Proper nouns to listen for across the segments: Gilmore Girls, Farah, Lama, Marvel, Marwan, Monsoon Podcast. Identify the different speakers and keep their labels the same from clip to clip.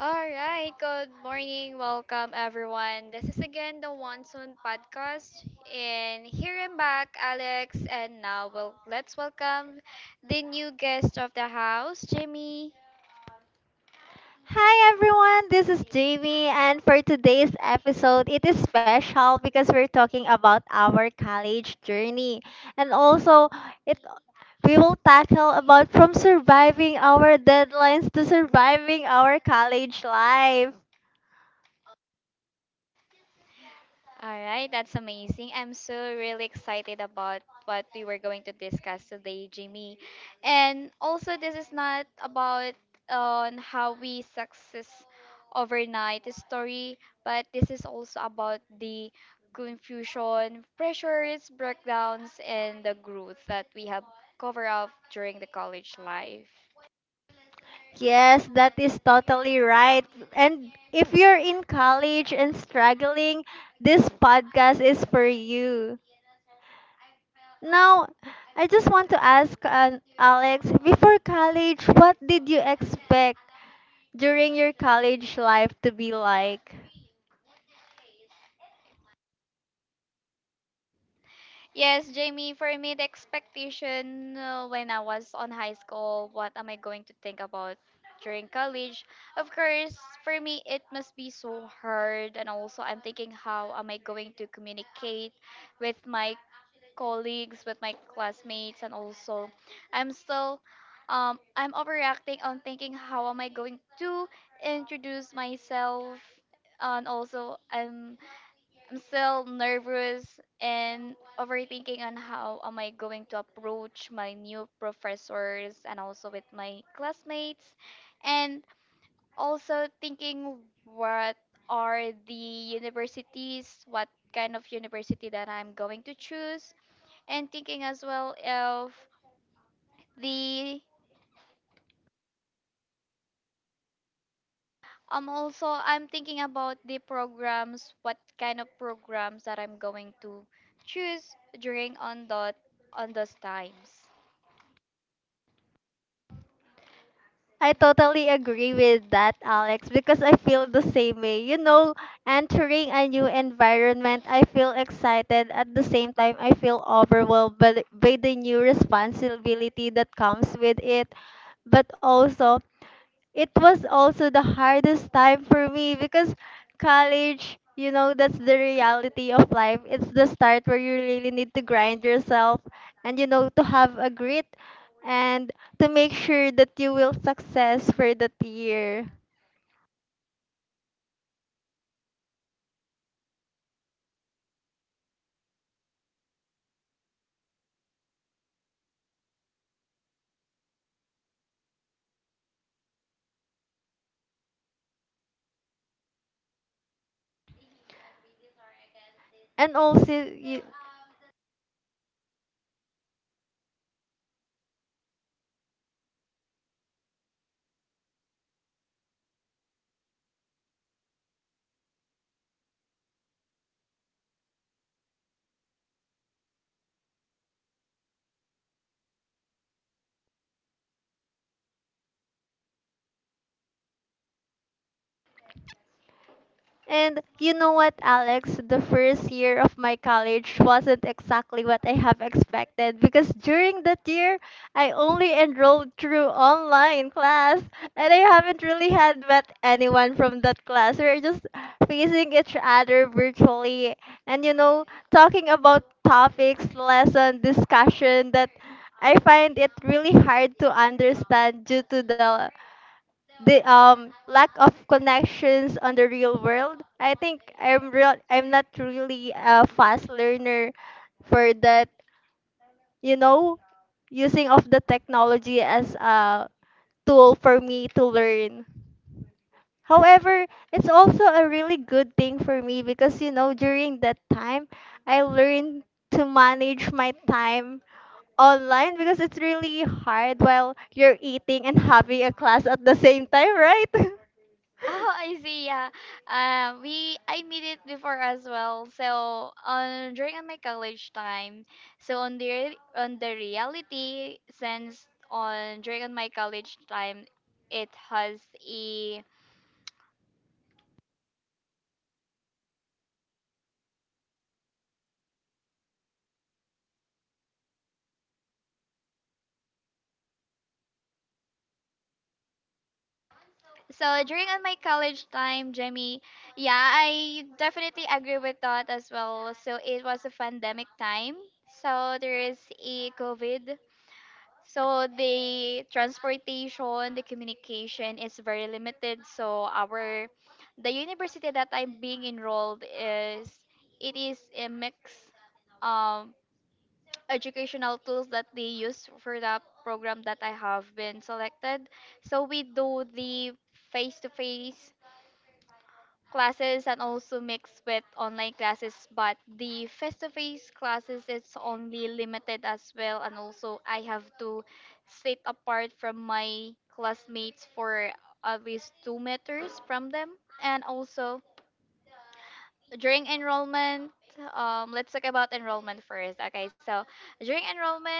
Speaker 1: All right, good morning. Welcome, everyone. This is again the Monsoon Podcast. And here I'm back, Alex. And now, well, let's welcome the new guest of the house, Jimmy.
Speaker 2: Hi everyone, this is Jamie, and for today's episode, it is special because we're talking about our college journey, and also it we will tackle about from surviving our deadlines to surviving our college life.
Speaker 1: All right, that's amazing. I'm so really excited about what we were going to discuss today, Jimmy. And also, this is not about on how we success overnight story, but this is also about the confusion, pressures, breakdowns, and the growth that we have covered up during the college life.
Speaker 2: Yes, that is totally right. And if you're in college and struggling, this podcast is for you. Now, I just want to ask Alex, before college, what did you expect during your college life to be like?
Speaker 1: Yes, Jamie, for me, the expectation when I was on high school, what am I going to think about during college? Of course, for me, it must be so hard. And also, I'm thinking, how am I going to communicate with my colleagues, with my classmates? And also, I'm still. I'm overreacting on thinking how am I going to introduce myself, and also I'm still nervous and overthinking on how am I going to approach my new professors and also with my classmates, and also thinking what are the universities, what kind of university that I'm going to choose, and thinking as well of the also I'm thinking about the programs, what kind of programs that I'm going to choose during on those times.
Speaker 2: I totally agree with that, Alex, because I feel the same way. You know, entering a new environment, I feel excited. At the same time, I feel overwhelmed by the new responsibility that comes with it. But also, it was also the hardest time for me because college, that's the reality of life. It's the start where you really need to grind yourself and to have a grit and to make sure that you will success for that year. And also you, And you know what, Alex? The first year of my college wasn't exactly what I have expected because during that year, I only enrolled through online class and I haven't really had met anyone from that class. We're just facing each other virtually and talking about topics, lesson, discussion that I find it really hard to understand due to the lack of connections on the real world. I think I'm real. I'm not really a fast learner for that. You know, using of the technology as a tool for me to learn. However, it's also a really good thing for me because during that time I learned to manage my time online because it's really hard while you're eating and having a class at the same time, right?
Speaker 1: Oh, I see. Yeah, we I made it before as well. So on during my college time, so on the on the reality, since on during my college time, it has a so during on my college time, Jimmy. Yeah, I definitely agree with that as well. So it was a pandemic time. So there is a COVID. So the transportation, the communication is very limited. So our the university that I'm being enrolled is it is a mix um educational tools that they use for that program that I have been selected. So we do the face to face classes and also mixed with online classes, but the face-to-face classes is only limited as well, and also I have to sit apart from my classmates for at least 2 meters from them, and also during enrollment, let's talk about enrollment first. Okay, so during enrollment,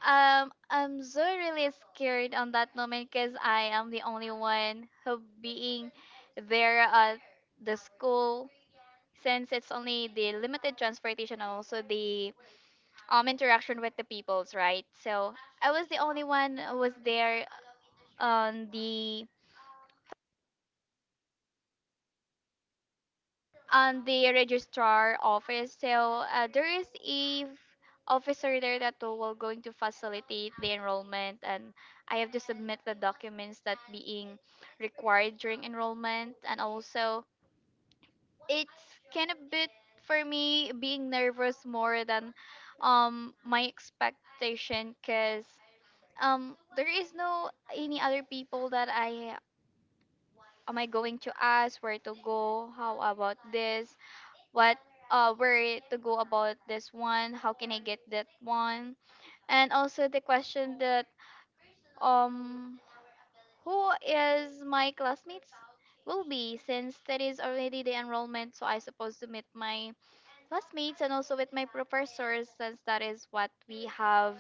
Speaker 1: I'm so really scared on that moment because I am the only one who being there at the school, since it's only the limited transportation, and also the interaction with the peoples, right? So I was the only one who was there on the registrar office. So there is a officer there that will going to facilitate the enrollment, and I have to submit the documents that being required during enrollment. And also, it's kind of bit for me being nervous more than my expectation, because there is no any other people that I am I going to ask where to go, how about this, what where to go about this one, how can I get that one, and also the question that um who is my classmates will be, since that is already the enrollment, so I supposed to meet my classmates and also with my professors, since that is what we have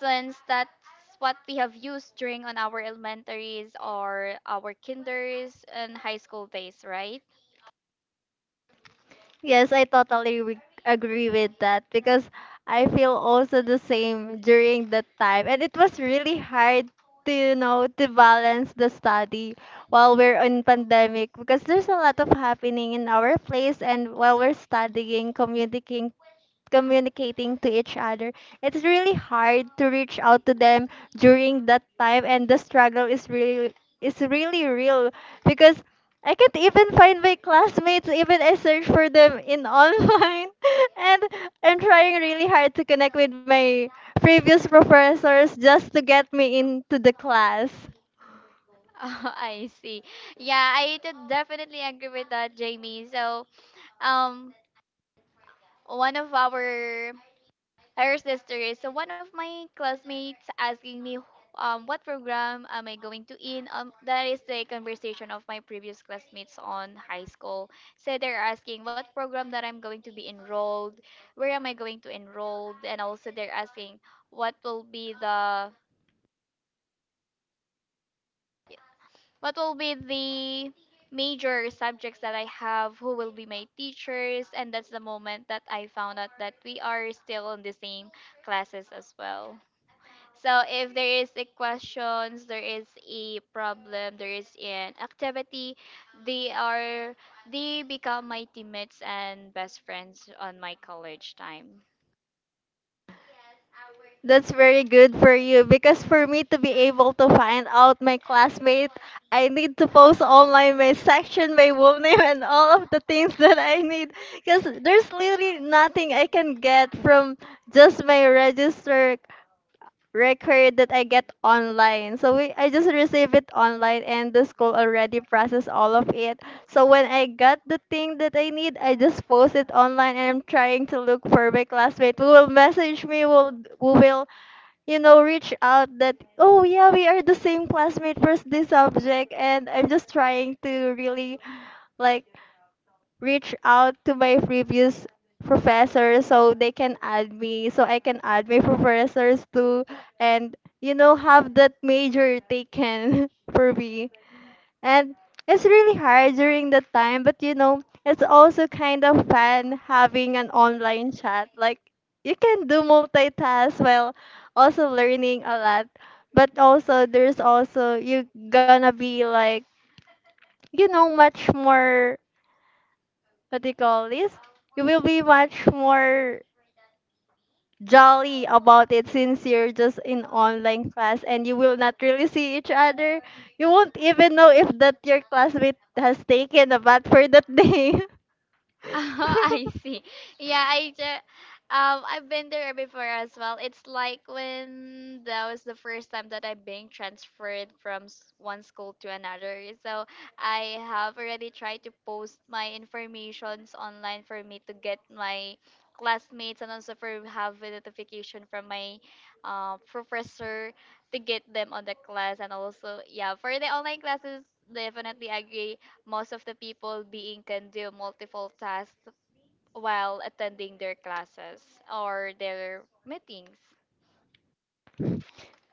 Speaker 1: since that's what we have used during on our elementaries or our kinders and high school days, right?
Speaker 2: Yes, I totally agree with that because I feel also the same during that time. And it was really hard to balance the study while we're in pandemic because there's a lot of happening in our place and while we're studying, communicating to each other. It's really hard to reach out to them during that time and the struggle is really real because I can't even find my classmates even I search for them in online and I'm trying really hard to connect with my previous professors just to get me into the class.
Speaker 1: Oh, I see. Yeah, I did definitely agree with that, Jamie. So, um one of our her sister is, so one of my classmates asking me, what program am I going to in. That is the conversation of my previous classmates on high school. So they're asking what program that I'm going to be enrolled, where am I going to enrolled, and also they're asking what will be the what will be the major subjects that I have, who will be my teachers, and that's the moment that I found out that we are still in the same classes as well. So if there is a questions, there is a problem, there is an activity, they are they become my teammates and best friends on my college time.
Speaker 2: That's very good for you because for me to be able to find out my classmate, I need to post online my section, my room name, and all of the things that I need. Because there's literally nothing I can get from just my register record that I get online. So I just receive it online, and the school already process all of it. So when I got the thing that I need, I just post it online, and I'm trying to look for my classmate who will message me, will who will you know, reach out that, oh yeah, we are the same classmate for this subject. And I'm just trying to really like reach out to my previous professors so they can add me, so I can add my professors too. And, have that major taken for me. And it's really hard during that time, but it's also kind of fun having an online chat. Like you can do multitask while also learning a lot. But also there's also you gonna be like, much more what do you call this? You will be much more jolly about it since you're just in online class and you will not really see each other. You won't even know if that your classmate has taken a bath for that day.
Speaker 1: Oh, I see. Yeah, I just I've been there before as well. It's like when that was the first time that I'm being transferred from one school to another. So I have already tried to post my informations online for me to get my classmates, and also for have a notification from my professor to get them on the class. And also, yeah, for the online classes, definitely agree. Most of the people being can do multiple tasks while attending their classes or their meetings.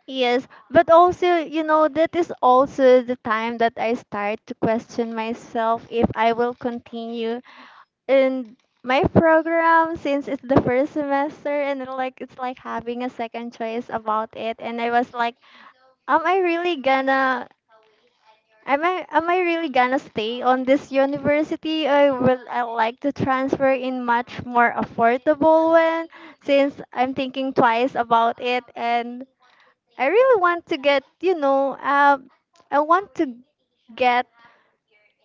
Speaker 2: Yes, but also, that is also the time that I start to question myself if I will continue in my program since it's the first semester and it's like having a second choice about it and I was like, am I really gonna am I really gonna stay on this university? I like to transfer in much more affordable one since I'm thinking twice about it and I really want to get you know um I want to get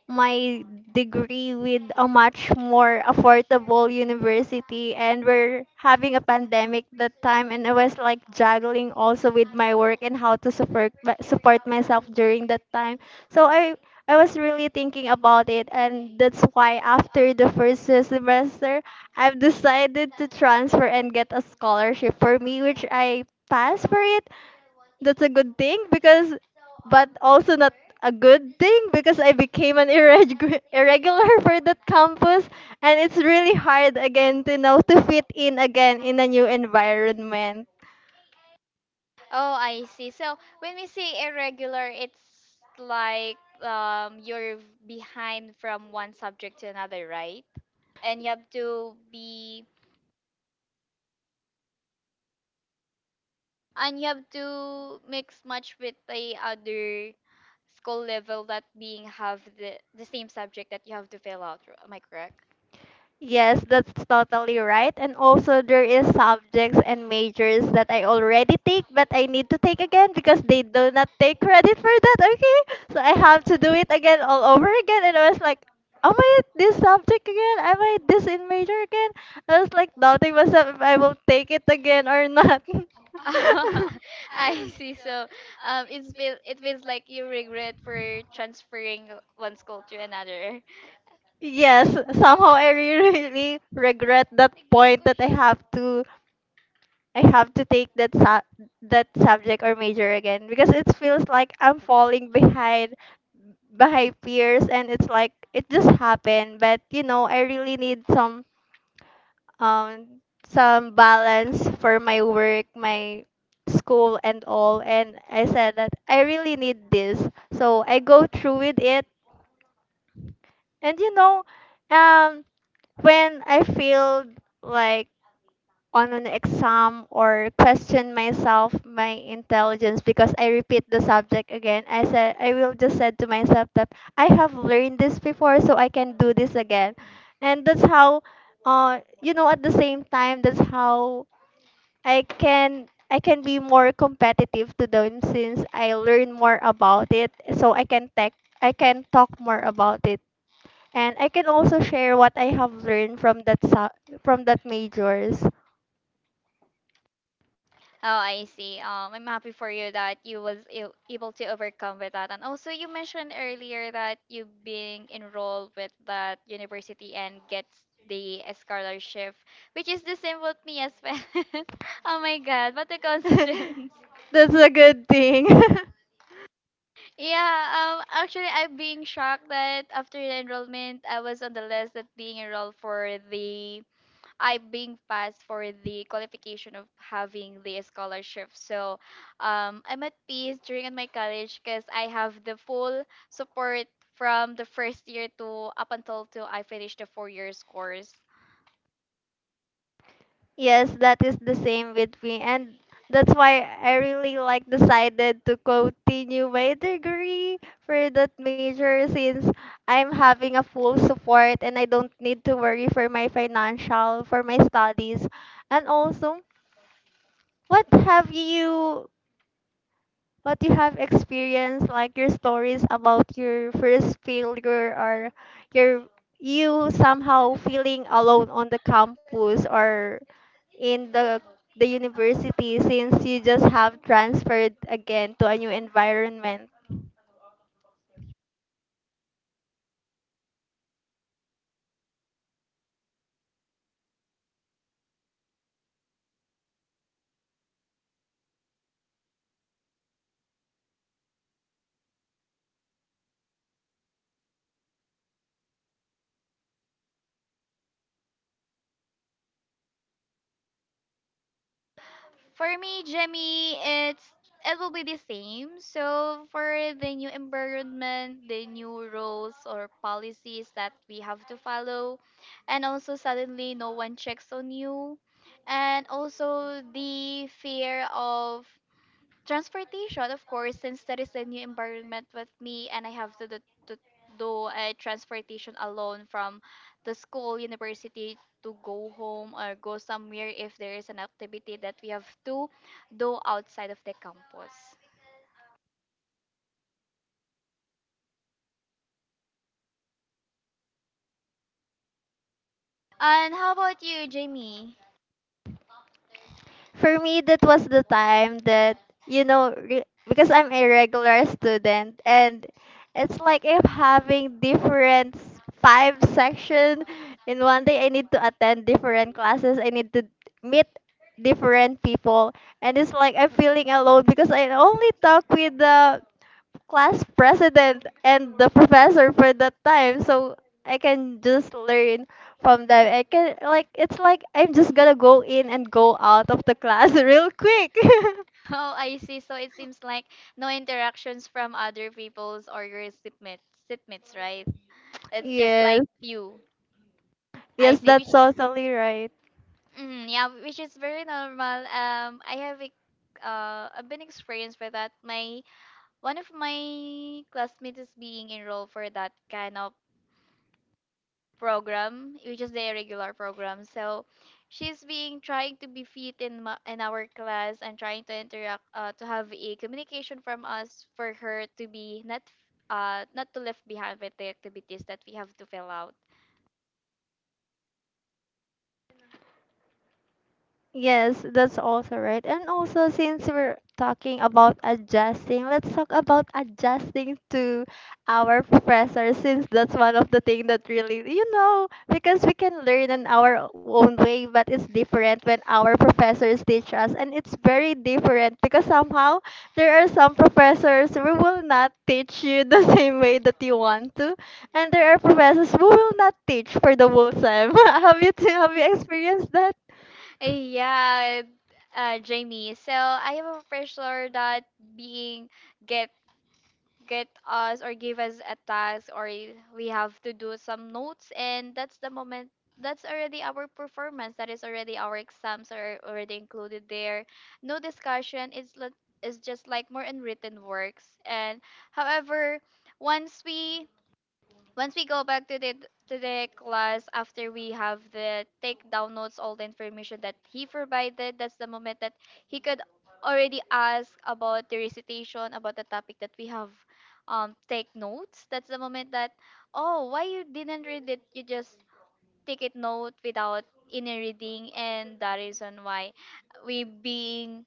Speaker 2: my degree with a much more affordable university, and we're having a pandemic that time and I was like juggling also with my work and how to support myself during that time. So I was really thinking about it and that's why after the first semester I've decided to transfer and get a scholarship for me, which I passed for it. That's a good thing because, but also not a good thing because I became an irregular for that campus and it's really hard again to now to fit in again in a new environment.
Speaker 1: Oh, I see. So when we say irregular, it's like, you're behind from one subject to another, right? And you have to be, and you have to mix much with the other school level that being have the same subject that you have to fill out. Am I correct?
Speaker 2: Yes, that's totally right. And also there is subjects and majors that I already take but I need to take again because they do not take credit for that, okay? So I have to do it again all over again and I was like, am I this subject again? Am I this in major again? I was like doubting myself if I will take it again or not.
Speaker 1: I see. So, it feels like you regret for transferring one school to another.
Speaker 2: Yes, somehow I really, really regret that point that I have to take that subject or major again because it feels like I'm falling behind peers and it's like it just happened, but I really need um some balance for my work, my school, and all, and I said that I really need this, so I go through with it. And um when I feel like on an exam or question myself my intelligence because I repeat the subject again, I said I will just said to myself that I have learned this before, so I can do this again. And that's how, at the same time, that's how i can I can be more competitive to them since I learn more about it, so I can talk more about it, and I can also share what I have learned from that majors.
Speaker 1: Oh, I see. I'm happy for you that you was able to overcome with that. And also, you mentioned earlier that you being enrolled with that university and gets the scholarship, which is the same with me as well. Oh my God, what a coincidence!
Speaker 2: That's a good thing.
Speaker 1: Yeah, actually, I'm being shocked that after the enrollment, I was on the list that being enrolled I being passed for the qualification of having the scholarship. So, I'm at peace during my college because I have the full support from the first year to up until till I finish the 4 years course.
Speaker 2: Yes, that is the same with me. And that's why I really like decided to continue my degree for that major since I'm having a full support and I don't need to worry for my financial, for my studies. And also, what have you what you have experienced, like your stories about your first failure or your you somehow feeling alone on the campus or in the university since you just have transferred again to a new environment.
Speaker 1: For me, Jemmy, it will be the same. So for the new environment, the new rules or policies that we have to follow, and also suddenly no one checks on you, and also the fear of transportation, of course, since that is a new environment with me, and I have to do a transportation alone from the school, university to go home or go somewhere if there is an activity that we have to do outside of the campus. And how about you, Jamie?
Speaker 2: For me, that was the time that, because I'm a regular student and it's like if having five section in one day, I need to attend different classes, I need to meet different people, and it's like I'm feeling alone because I only talk with the class president and the professor for that time, so I can just learn from them. I can like It's like I'm just gonna go in and go out of the class real quick.
Speaker 1: Oh, I see. So it seems like no interactions from other people's or your shipmates, right? It's just
Speaker 2: Yes,
Speaker 1: like you. I
Speaker 2: yes,
Speaker 1: see. Which
Speaker 2: that's totally right.
Speaker 1: Mm, yeah, which is very normal. I have I've been experienced with that. My One of my classmates is being enrolled for that kind of program, which is the irregular program. So, she's being trying to be fit in in our class, and trying to interact, to have a communication from us for her to be not, not to left behind with the activities that we have to fill out.
Speaker 2: Yes, that's also right. And also, since we're talking about adjusting, let's talk about adjusting to our professor, since that's one of the things that really, because we can learn in our own way, but it's different when our professors teach us. And it's very different because somehow there are some professors who will not teach you the same way that you want to. And there are professors who will not teach for the whole time. Have you experienced that?
Speaker 1: Yeah, Jamie. So I am a pressure that being get get us or give us a task, or we have to do some notes, and that's the moment that's already our performance, that is already our exams are already included there. No discussion. It's just like more in written works. And however, once we once we go back to the class after we have the take down notes all the information that he provided, that's the moment that he could already ask about the recitation, about the topic that we have take notes. That's the moment that, oh, why you didn't read it, you just take it note without any reading. And that reason why we being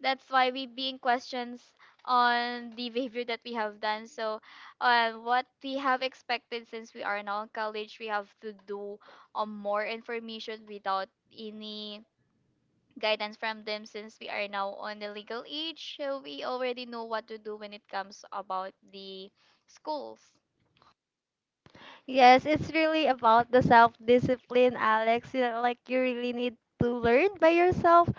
Speaker 1: that's why we being questions on the behavior that we have done. So, what we have expected, since we are now in college, we have to do, more information without any guidance from them, since we are now on the legal age, so we already know what to do when it comes about the schools.
Speaker 2: Yes, it's really about the self discipline, Alex. You know, like you really need to learn by yourself.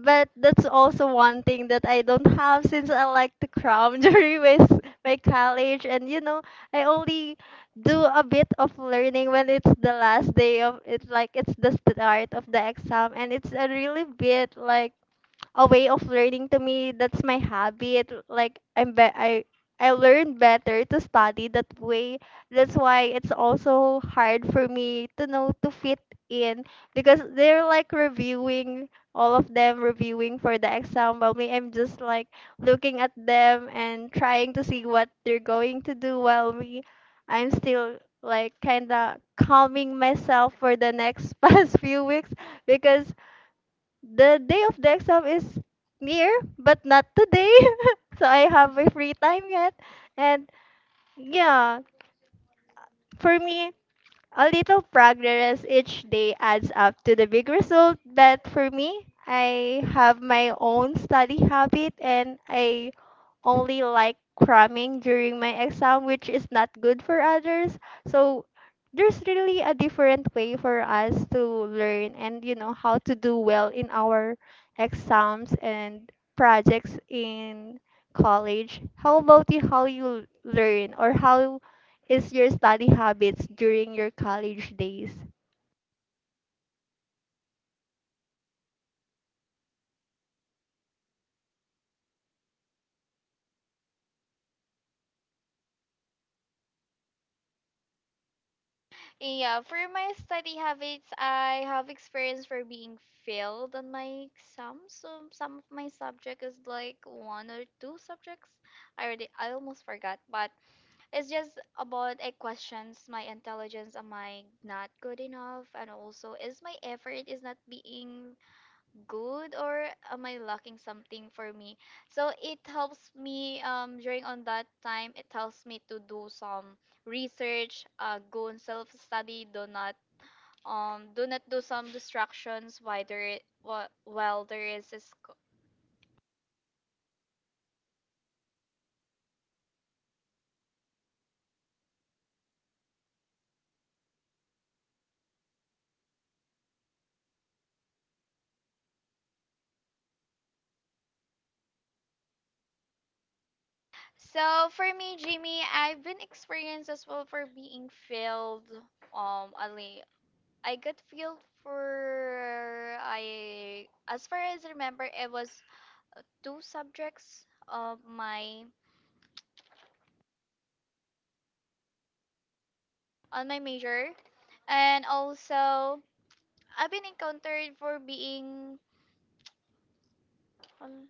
Speaker 2: But that's also one thing that I don't have since I like to cram during my college. And I only do a bit of learning when it's like it's the start of the exam and it's a really bit like a way of learning to me. That's my hobby. It like I'm be- I learn better to study that way. That's why it's also hard for me to know to fit in because they're like reviewing all of them reviewing for the exam, while me, I'm just like looking at them and trying to see what they're going to do, while me, I'm still like kind of calming myself for the next past few weeks because the day of the exam is near, but not today. So I have my free time yet. And yeah, for me, a little progress each day adds up to the big result. But for me, I have my own study habit and I only like cramming during my exam, which is not good for others. So there's really a different way for us to learn and you know how to do well in our exams and projects in college. How about you? How you learn or how is your study habits during your college days?
Speaker 1: Yeah, for my study habits, I have experience for being failed on my exams. So some of my subject is like one or two subjects. I almost forgot, but it's just about a questions my intelligence. Am I not good enough? And also, is my effort is not being good, or am I lacking something for me? So it helps me during on that time, it helps me to do some research, go and self study, do not do not do some distractions while there is a school. So for me, Jimmy, I've been experienced as well for being failed. Ali, I got failed for, I, as far as I remember, it was two subjects of my on my major, and also I've been encountered for being um,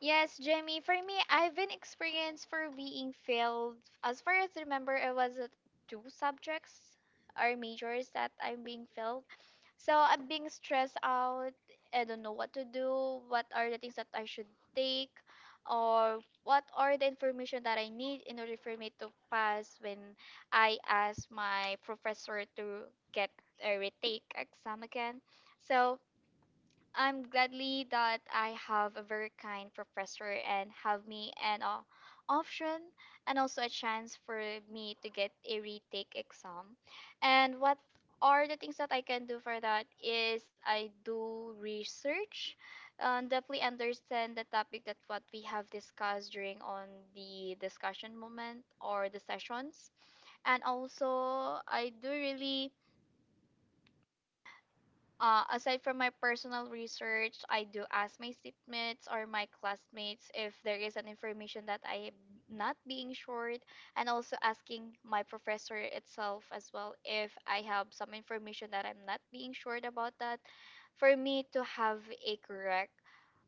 Speaker 1: yes, Jamie. For me, I've been experienced for being failed. As far as I remember, it was two subjects or majors that I'm being failed. So I'm being stressed out. I don't know what to do. What are the things that I should take? Or what are the information that I need in order for me to pass when I ask my professor to get a retake exam again? So I'm gladly that I have a very kind professor and have me an option and also a chance for me to get a retake exam. And what are the things that I can do for that is I do research and deeply understand the topic that what we have discussed during on the discussion moment or the sessions, and also I do really aside from my personal research, I do ask my shipmates or my classmates if there is an information that I am not being sure, and also asking my professor itself as well if I have some information that I'm not being sure about that, for me to have a correct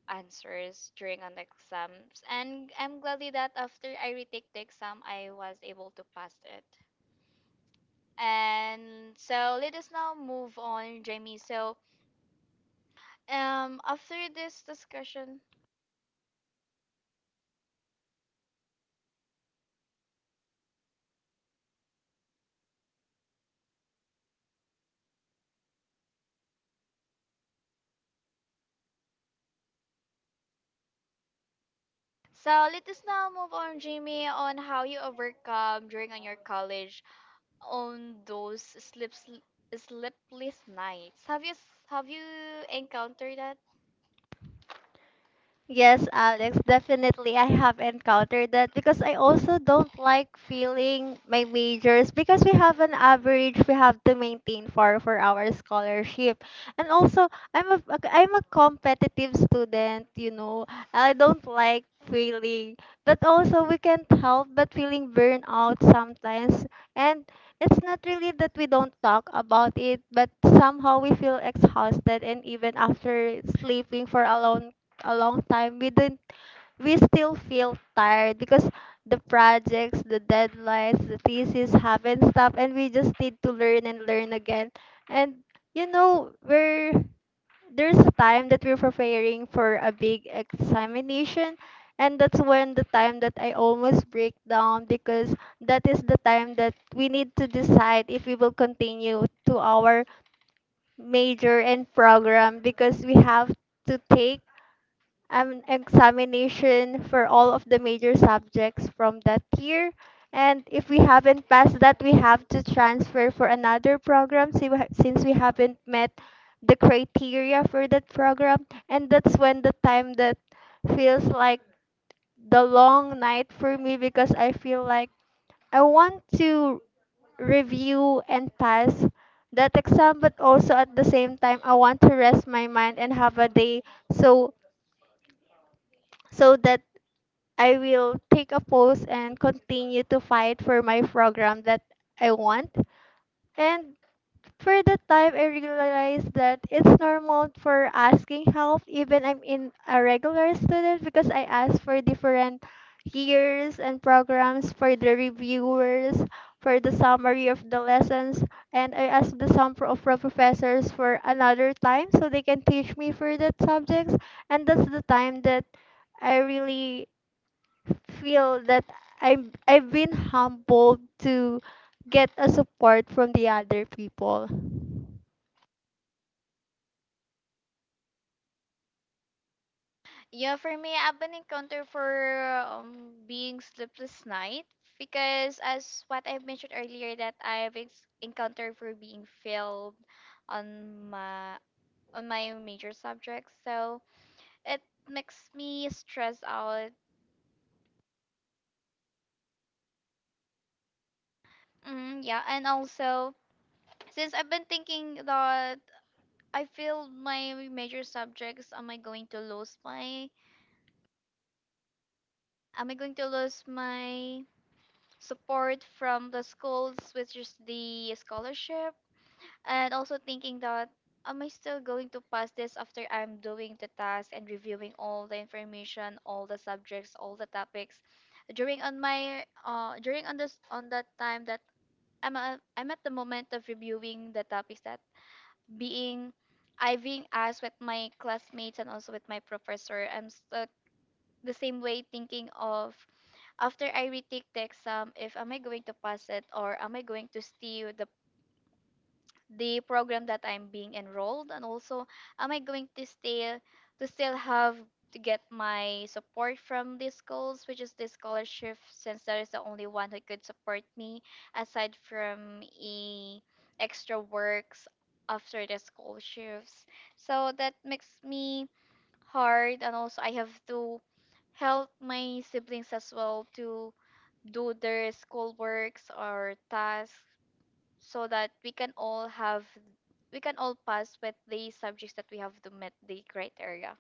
Speaker 1: answers during an exams. And I'm gladly that after I retake the exam, I was able to pass it. And so let us now move on, Jamie. So after this discussion. So let us now move on, Jamie, on how you overcome during on your college, on those slips sleepless nights. Have you encountered that?
Speaker 2: Yes, Alex, definitely I have encountered that because I also don't like feeling my majors because we have an average we have to maintain for our scholarship. And also, I'm a I'm a competitive student, you know. I don't like feeling, but also we can't help but feeling burnout sometimes. And it's not really that we don't talk about it, but somehow we feel exhausted, and even after sleeping for a long time, we didn't, we still feel tired because the projects, the deadlines, the thesis haven't stopped, and we just need to learn and learn again. And you know, we're, there's a time that we're preparing for a big examination, and that's when the time that I almost break down, because that is the time that we need to decide if we will continue to our major and program, because we have to take an examination for all of the major subjects from that year. And if we haven't passed that, we have to transfer for another program si- we ha- since we haven't met the criteria for that program. And that's when the time that feels like the long night for me, because I feel like I want to review and pass that exam, but also at the same time, I want to rest my mind and have a day, so so that I will take a pause and continue to fight for my program that I want. And for that time, I realized that it's normal for asking help, even I'm in a regular student, because I asked for different years and programs for the reviewers, for the summary of the lessons, and I asked the some professors for another time so they can teach me for that subjects. And that's the time that I really feel that I've been humbled to get a support from the other people.
Speaker 1: Yeah, for me, I've been encountered for being sleepless night, because as what I mentioned earlier that I've encountered for being failed on my on my major subjects. So it makes me stressed out. Mm, yeah, and also since I've been thinking that I feel my major subjects, am I going to lose my support from the schools, which is the scholarship, and also thinking that am I still going to pass this after I'm doing the task and reviewing all the information, all the subjects, all the topics during on my during on this on that time that I'm at the moment of reviewing the topics that being I being asked with my classmates and also with my professor, I'm stuck the same way thinking of after I retake the exam if am I going to pass it, or am I going to steal the program that I'm being enrolled, and also am I going to stay to still have to get my support from these schools, which is the scholarship, since that is the only one who could support me aside from e extra works after the school shifts. So that makes me hard, and also I have to help my siblings as well to do their school works or tasks so that we can all pass with the subjects that we have to meet the criteria.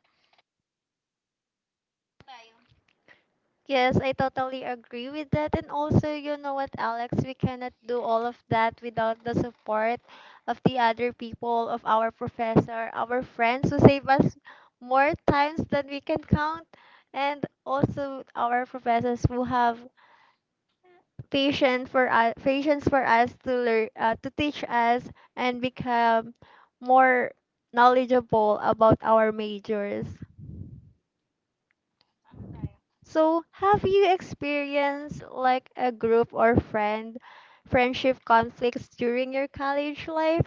Speaker 2: Yes, I totally agree with that. And also, you know what, Alex, we cannot do all of that without the support of the other people, of our professor, our friends who save us more times than we can count, and also our professors who have patient for us, patience for us to learn, to teach us and become more knowledgeable about our majors. So, have you experienced like a group or friendship conflicts during your college life?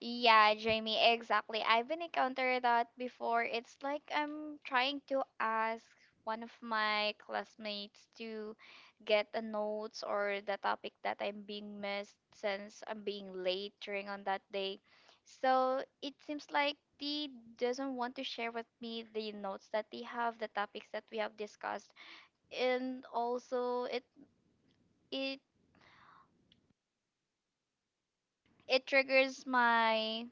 Speaker 1: Yeah, Jamie, exactly. I've been encountered that before. It's like I'm trying to ask one of my classmates to get the notes or the topic that I'm being missed since I'm being late during on that day. So it seems like they doesn't want to share with me the notes that they have, the topics that we have discussed, and also it it triggers my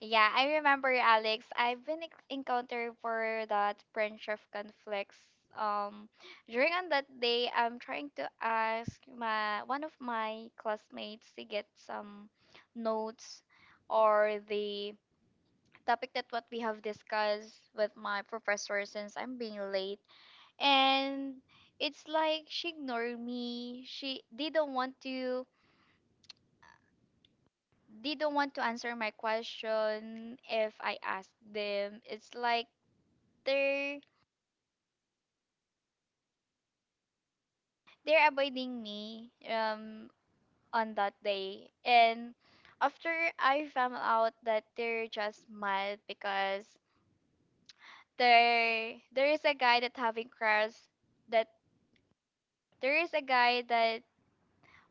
Speaker 1: yeah. I remember, Alex, I've been ex- encountered for that friendship conflicts. um During on that day, I'm trying to ask my one of my classmates to get some notes or the topic that what we have discussed with my professor, since I'm being late, and it's like she ignored me, she didn't want to, they don't want to answer my question if I ask them. It's like they're they're avoiding me on that day. And after I found out that they're just mad because there is a guy that having crush that there is a guy that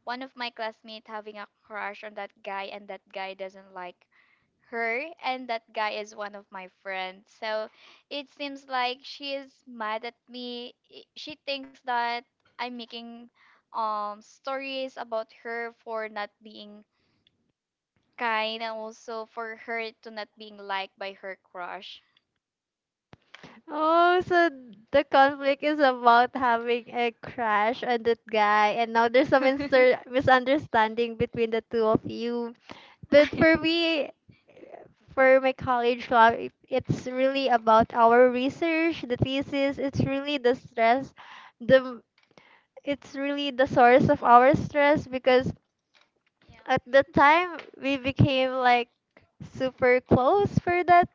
Speaker 1: one of my classmates having a crush on that guy, and that guy doesn't like her, and that guy is one of my friends, so it seems like she is mad at me. She thinks that I'm making stories about her for not being kind, and also for her to not being liked by her crush.
Speaker 2: Oh, so the conflict is about having a crush on that guy, and now there's some misunderstanding between the two of you. But for me, for my college life, it's really about our research, the thesis. It's really the stress, the, it's really the source of our stress, because at the time we became like super close for that,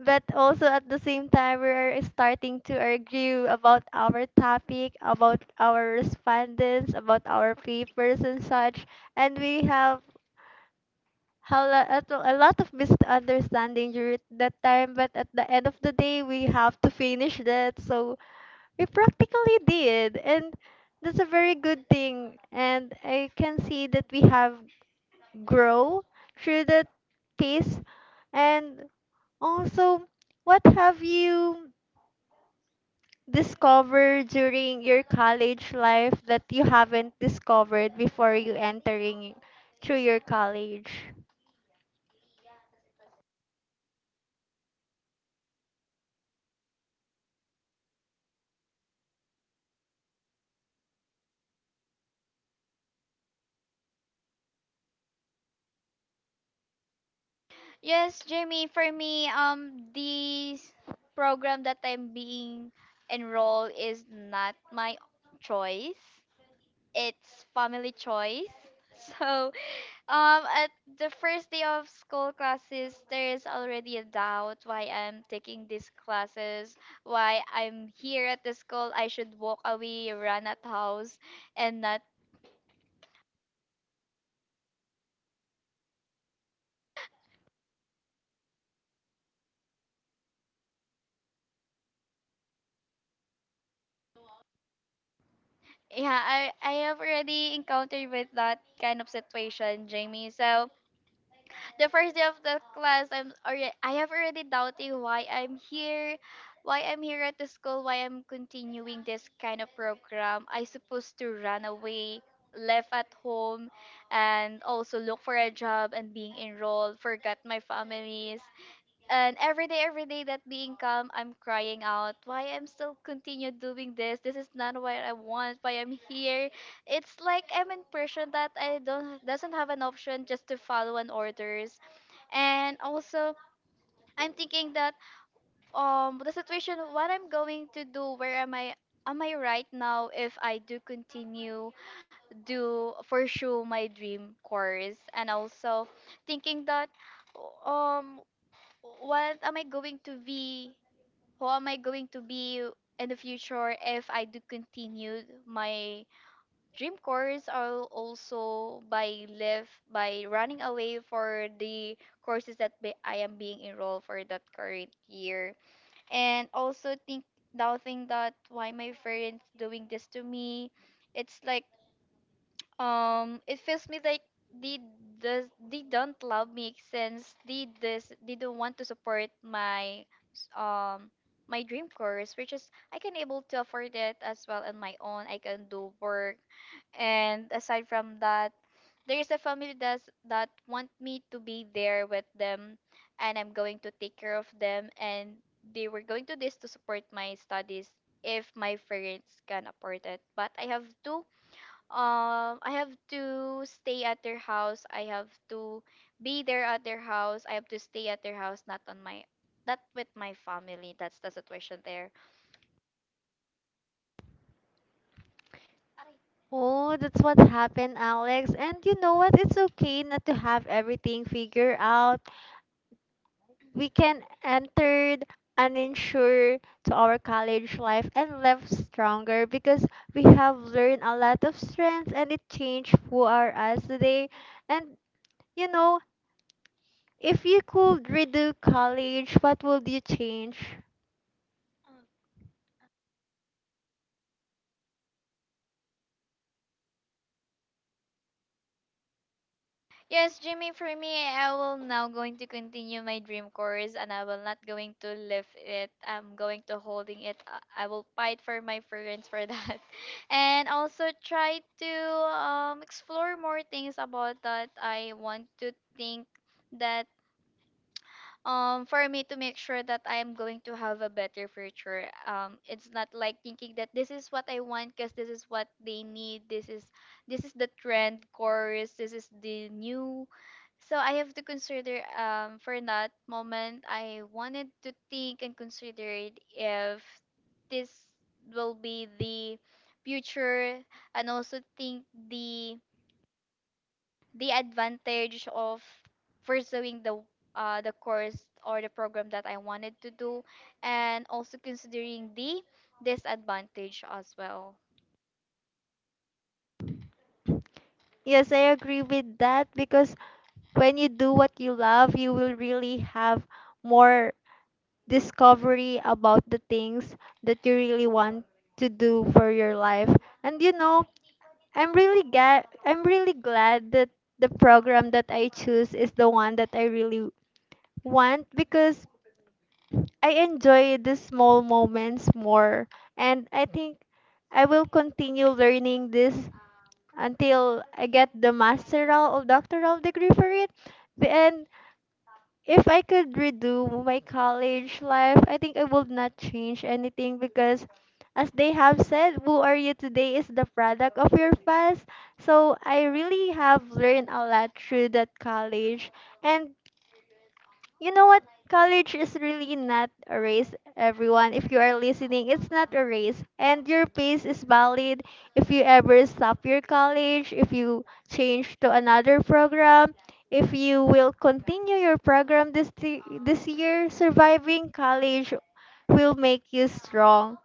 Speaker 2: but also at the same time we are starting to argue about our topic, about our respondents, about our papers and such. And we have at a lot of misunderstanding during that time, but at the end of the day we have to finish that, so we practically did. And that's a very good thing, and I can see that we have grow through that piece. And also, what have you discovered during your college life that you haven't discovered before you entering through your college?
Speaker 1: Yes, Jamie, for me, the program that I'm being enrolled is not my choice, it's family choice. So um, at the first day of school classes, there is already a doubt why I'm taking these classes, why I'm here at the school. I should walk away, run at house, and not. Yeah, I have already encountered with that kind of situation, Jamie. So, the first day of the class, I have already doubting why I'm here, why I'm here at the school, why I'm continuing this kind of program. I supposed to run away, left at home, and also look for a job and being enrolled, forgot my families. And every day that being calm, I'm crying out. Why I'm still continue doing this? This is not what I want. Why I'm here? It's like I'm in person that I don't doesn't have an option just to follow an orders. And also, I'm thinking that the situation, what I'm going to do, where am I? Am I right now if I do continue do pursue my dream course? And also thinking that um what am I going to be? Who am I going to be in the future if I do continue my dream course, or also by live by running away for the courses that be, I am being enrolled for that current year. And also think doubting that why my friends doing this to me. It's like it feels me like they does they don't love me since they this they don't want to support my s- um my dream course, which is I can able to afford it as well on my own. I can do work, and aside from that, there is a family that's that want me to be there with them, and I'm going to take care of them, and they were going to this to support my studies if my parents can afford it. But I have to stay at their house. I have to be there at their house. I have to stay at their house, not on my not with my family. That's the situation there.
Speaker 2: Oh, that's what happened, Alex. And you know what? It's okay not to have everything figured out. We can enter uninsured to our college life and left stronger because we have learned a lot of strengths and it changed who are us today. And you know, if you could redo college, what would you change?
Speaker 1: Yes, Jimmy, for me, I will now going to continue my dream course and I will not going to leave it. I'm going to holding it. I will fight for my friends for that. And also try to explore more things about that. I want to think that for me to make sure that I am going to have a better future. Um, it's not like thinking that this is what I want because this is what they need. This is the trend course. This is the new. So I have to consider for that moment. I wanted to think and consider it if this will be the future, and also think the the advantage of pursuing the course or the program that I wanted to do, and also considering the disadvantage as well.
Speaker 2: Yes, I agree with that, because when you do what you love, you will really have more discovery about the things that you really want to do for your life. And you know, I'm really glad that the program that I choose is the one that I really want, because I enjoy the small moments more. And I think I will continue learning this until I get the masteral or doctoral degree for it. And if I could redo my college life, I think I would not change anything because, as they have said, who are you today is the product of your past. So I really have learned a lot through that college. And you know what? College is really not a race, everyone. If you are listening, it's not a race. And your pace is valid. If you ever stop your college, if you change to another program, if you will continue your program this year, surviving college will make you strong.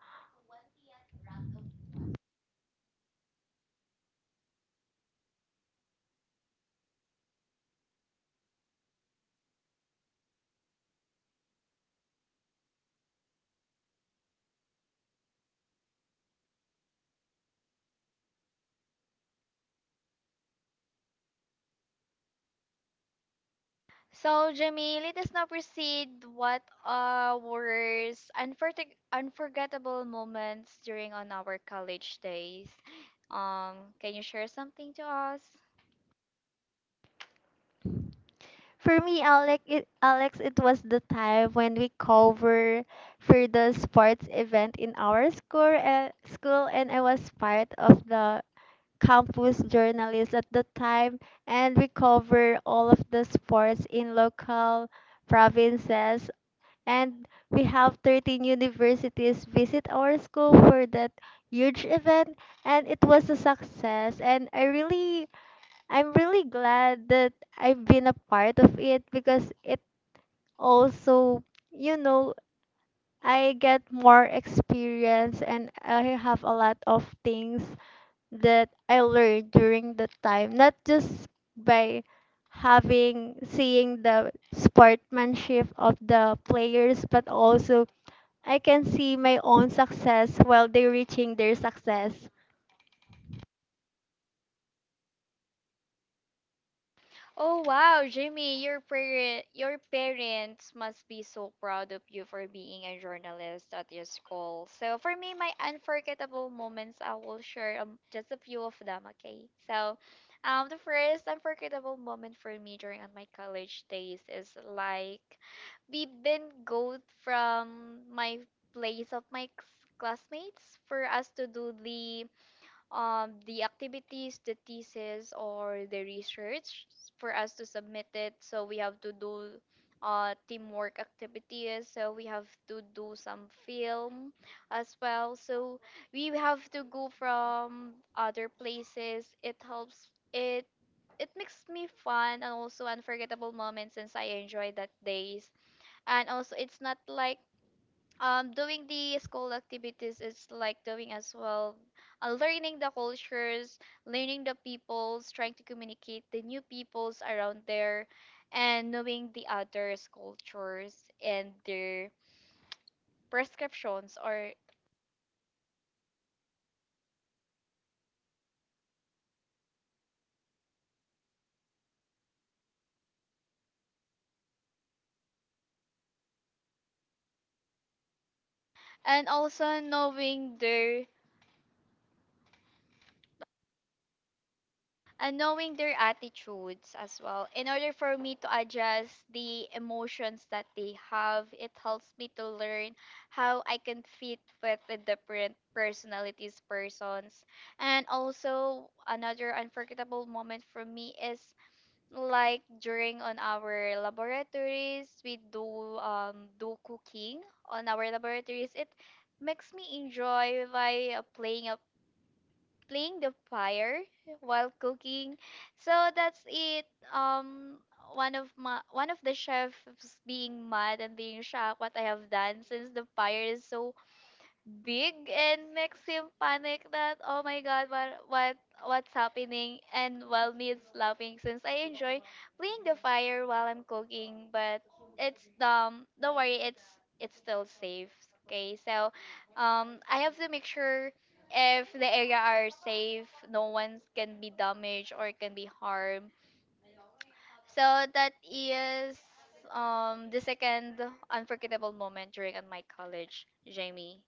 Speaker 1: So, Jamie, let us now proceed. What were unforgettable moments during on our college days? Can you share something to us?
Speaker 2: For me, Alex, it was the time when we cover for the sports event in our school, and I was part of the campus journalists at the time, and we cover all of the sports in local provinces. And we have 13 universities visit our school for that huge event, and it was a success. And I'm really glad that I've been a part of it, because it also, you know, I get more experience and I have a lot of things that I learned during that time, not just by having seeing the sportsmanship of the players, but also I can see my own success while they're reaching their success.
Speaker 1: Oh wow, Jimmy, your parents must be so proud of you for being a journalist at your school. So for me, my unforgettable moments, I will share just a few of them. Okay, so the first unforgettable moment for me during on my college days is like we've been go from my place of my classmates for us to do the activities, the thesis, or the research for us to submit it. So we have to do teamwork activities. So we have to do some film as well. So we have to go from other places. It helps. It makes me fun and also unforgettable moments since I enjoy that days. And also, it's not like doing the school activities is like doing as well learning the cultures, learning the peoples, trying to communicate the new peoples around there, and knowing the others cultures and their prescriptions, or and also knowing their attitudes as well in order for me to adjust the emotions that they have. It helps me to learn how I can fit with the different personalities persons. And also, another unforgettable moment for me is like during on our laboratories we do do cooking on our laboratories. It makes me enjoy by playing playing the fire while cooking. So that's it. Um, one of the chefs being mad and being shocked what I have done since the fire is so big and makes him panic that oh my god, what what's happening, and while me is laughing since I enjoy playing the fire while I'm cooking. But it's don't worry, it's still safe. Okay, so I have to make sure if the area are safe, no one can be damaged or can be harmed. So that is the second unforgettable moment during my college, Jamie.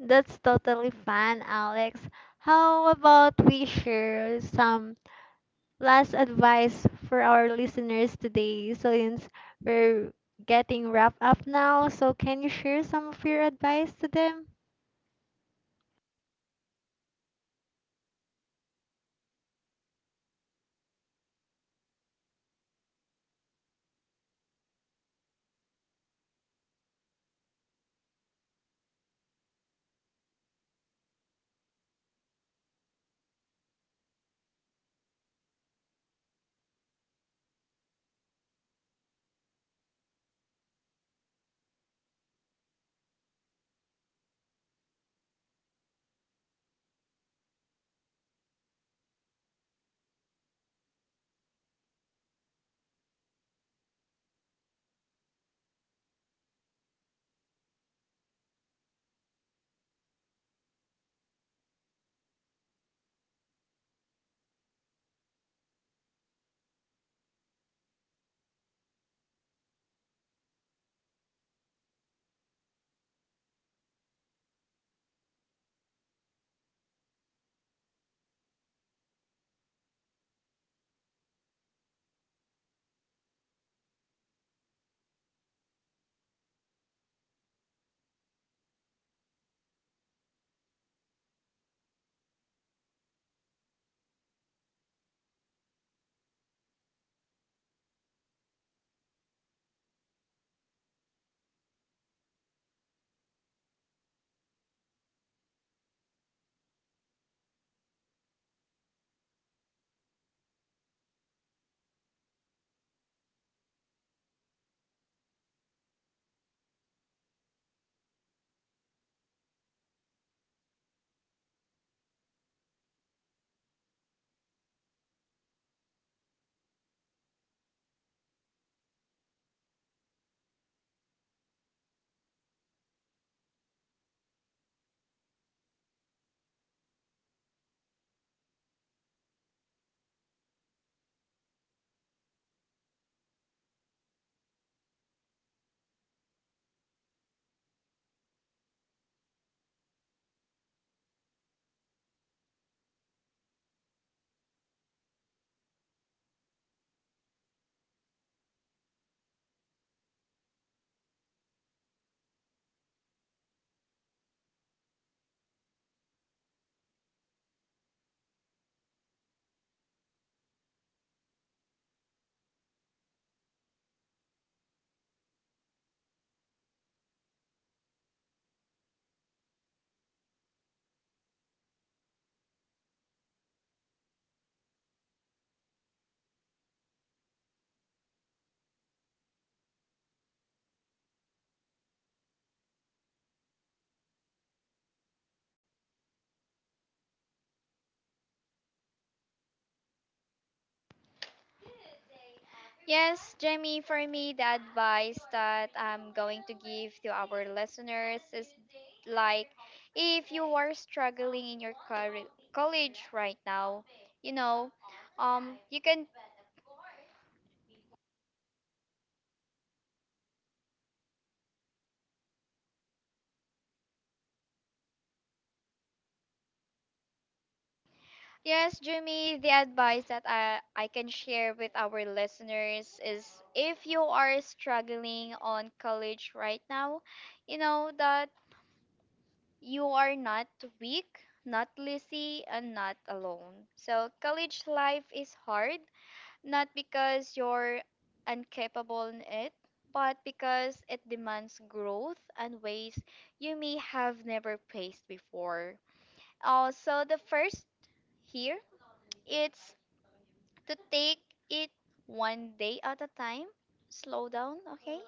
Speaker 2: That's totally fun, Alex. How about we share some last advice for our listeners today? So since we're getting wrapped up now, so can you share some of your advice to them?
Speaker 1: Yes, Jamie, for me, the advice that I'm going to give to our listeners is like if you are struggling in your college right now, you know, um, you can, yes, Jamie, the advice that I can share with our listeners is if you are struggling on college right now, you know, that you are not weak, not lazy, and not alone. So, college life is hard. Not because you're incapable in it, but because it demands growth and ways you may have never faced before. Also, the first here it's to take it one day at a time. Slow down, okay?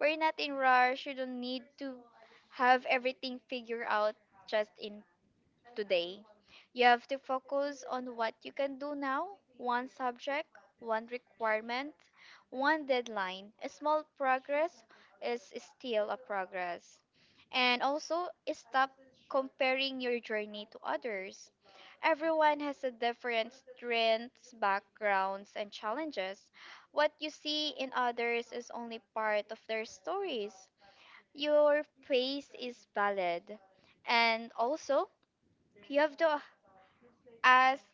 Speaker 1: We're not in rush. You don't need to have everything figured out just in today. You have to focus on what you can do now: one subject, one requirement, one deadline. A small progress is still a progress. And also, stop comparing your journey to others. Everyone has a different strengths, backgrounds, and challenges. What you see in others is only part of their stories. Your pace is valid. And also, you have to ask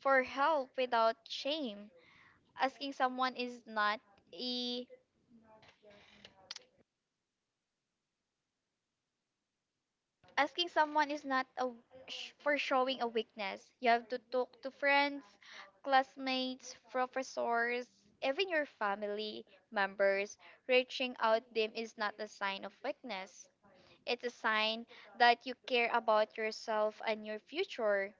Speaker 1: for help without shame. Asking someone is not a Asking someone is not a for showing a weakness. You have to talk to friends, classmates, professors, even your family members. Reaching out them is not a sign of weakness. It's a sign that you care about yourself and your future.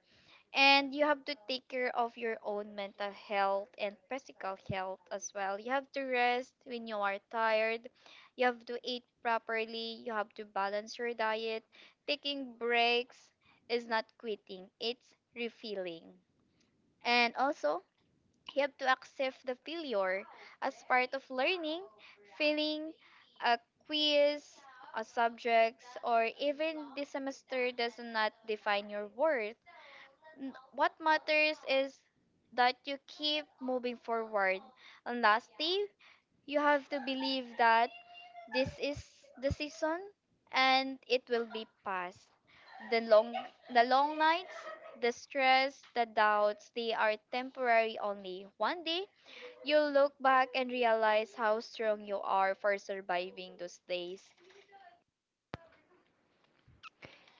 Speaker 1: And you have to take care of your own mental health and physical health as well. You have to rest when you are tired, you have to eat properly, you have to balance your diet. Taking breaks is not quitting, it's refilling. And also, you have to accept the failure as part of learning. Failing a quiz, a subjects, or even the semester does not define your worth. What matters is that you keep moving forward. And lastly, you have to believe that this is the season and it will be past. The long the long nights, the stress, the doubts, they are temporary only. One day you'll look back and realize how strong you are for surviving those days.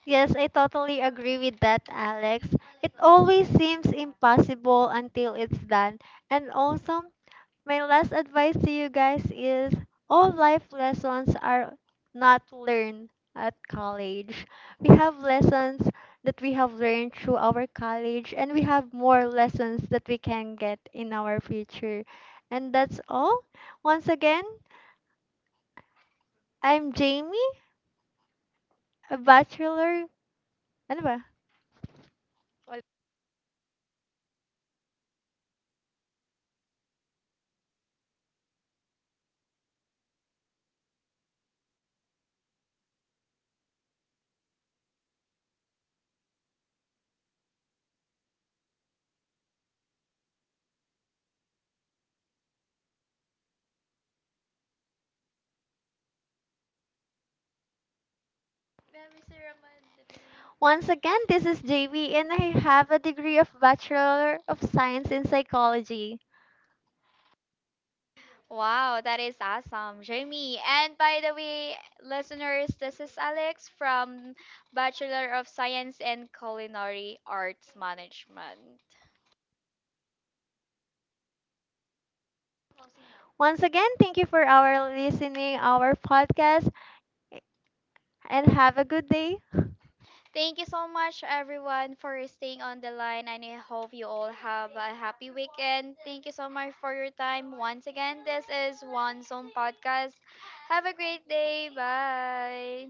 Speaker 2: Yes, I totally agree with that, Alex. It always seems impossible until it's done. And also, my last advice to you guys is all life lessons are not learned at college. We have lessons that we have learned through our college, and we have more lessons that we can get in our future. And that's all. Once again, I'm Jamie, a bachelor. Ano ba? Once again, this is JV, and I have a degree of Bachelor of Science in Psychology.
Speaker 1: Wow, that is awesome, Jamie. And by the way, listeners, this is Alex from Bachelor of Science in Culinary Arts Management.
Speaker 2: Once again, thank you for our listening our podcast, and have a good day.
Speaker 1: Thank you so much, everyone, for staying on the line, and I hope you all have a happy weekend. Thank you so much for your time. Once again, this is One Zone Podcast. Have a great day. Bye.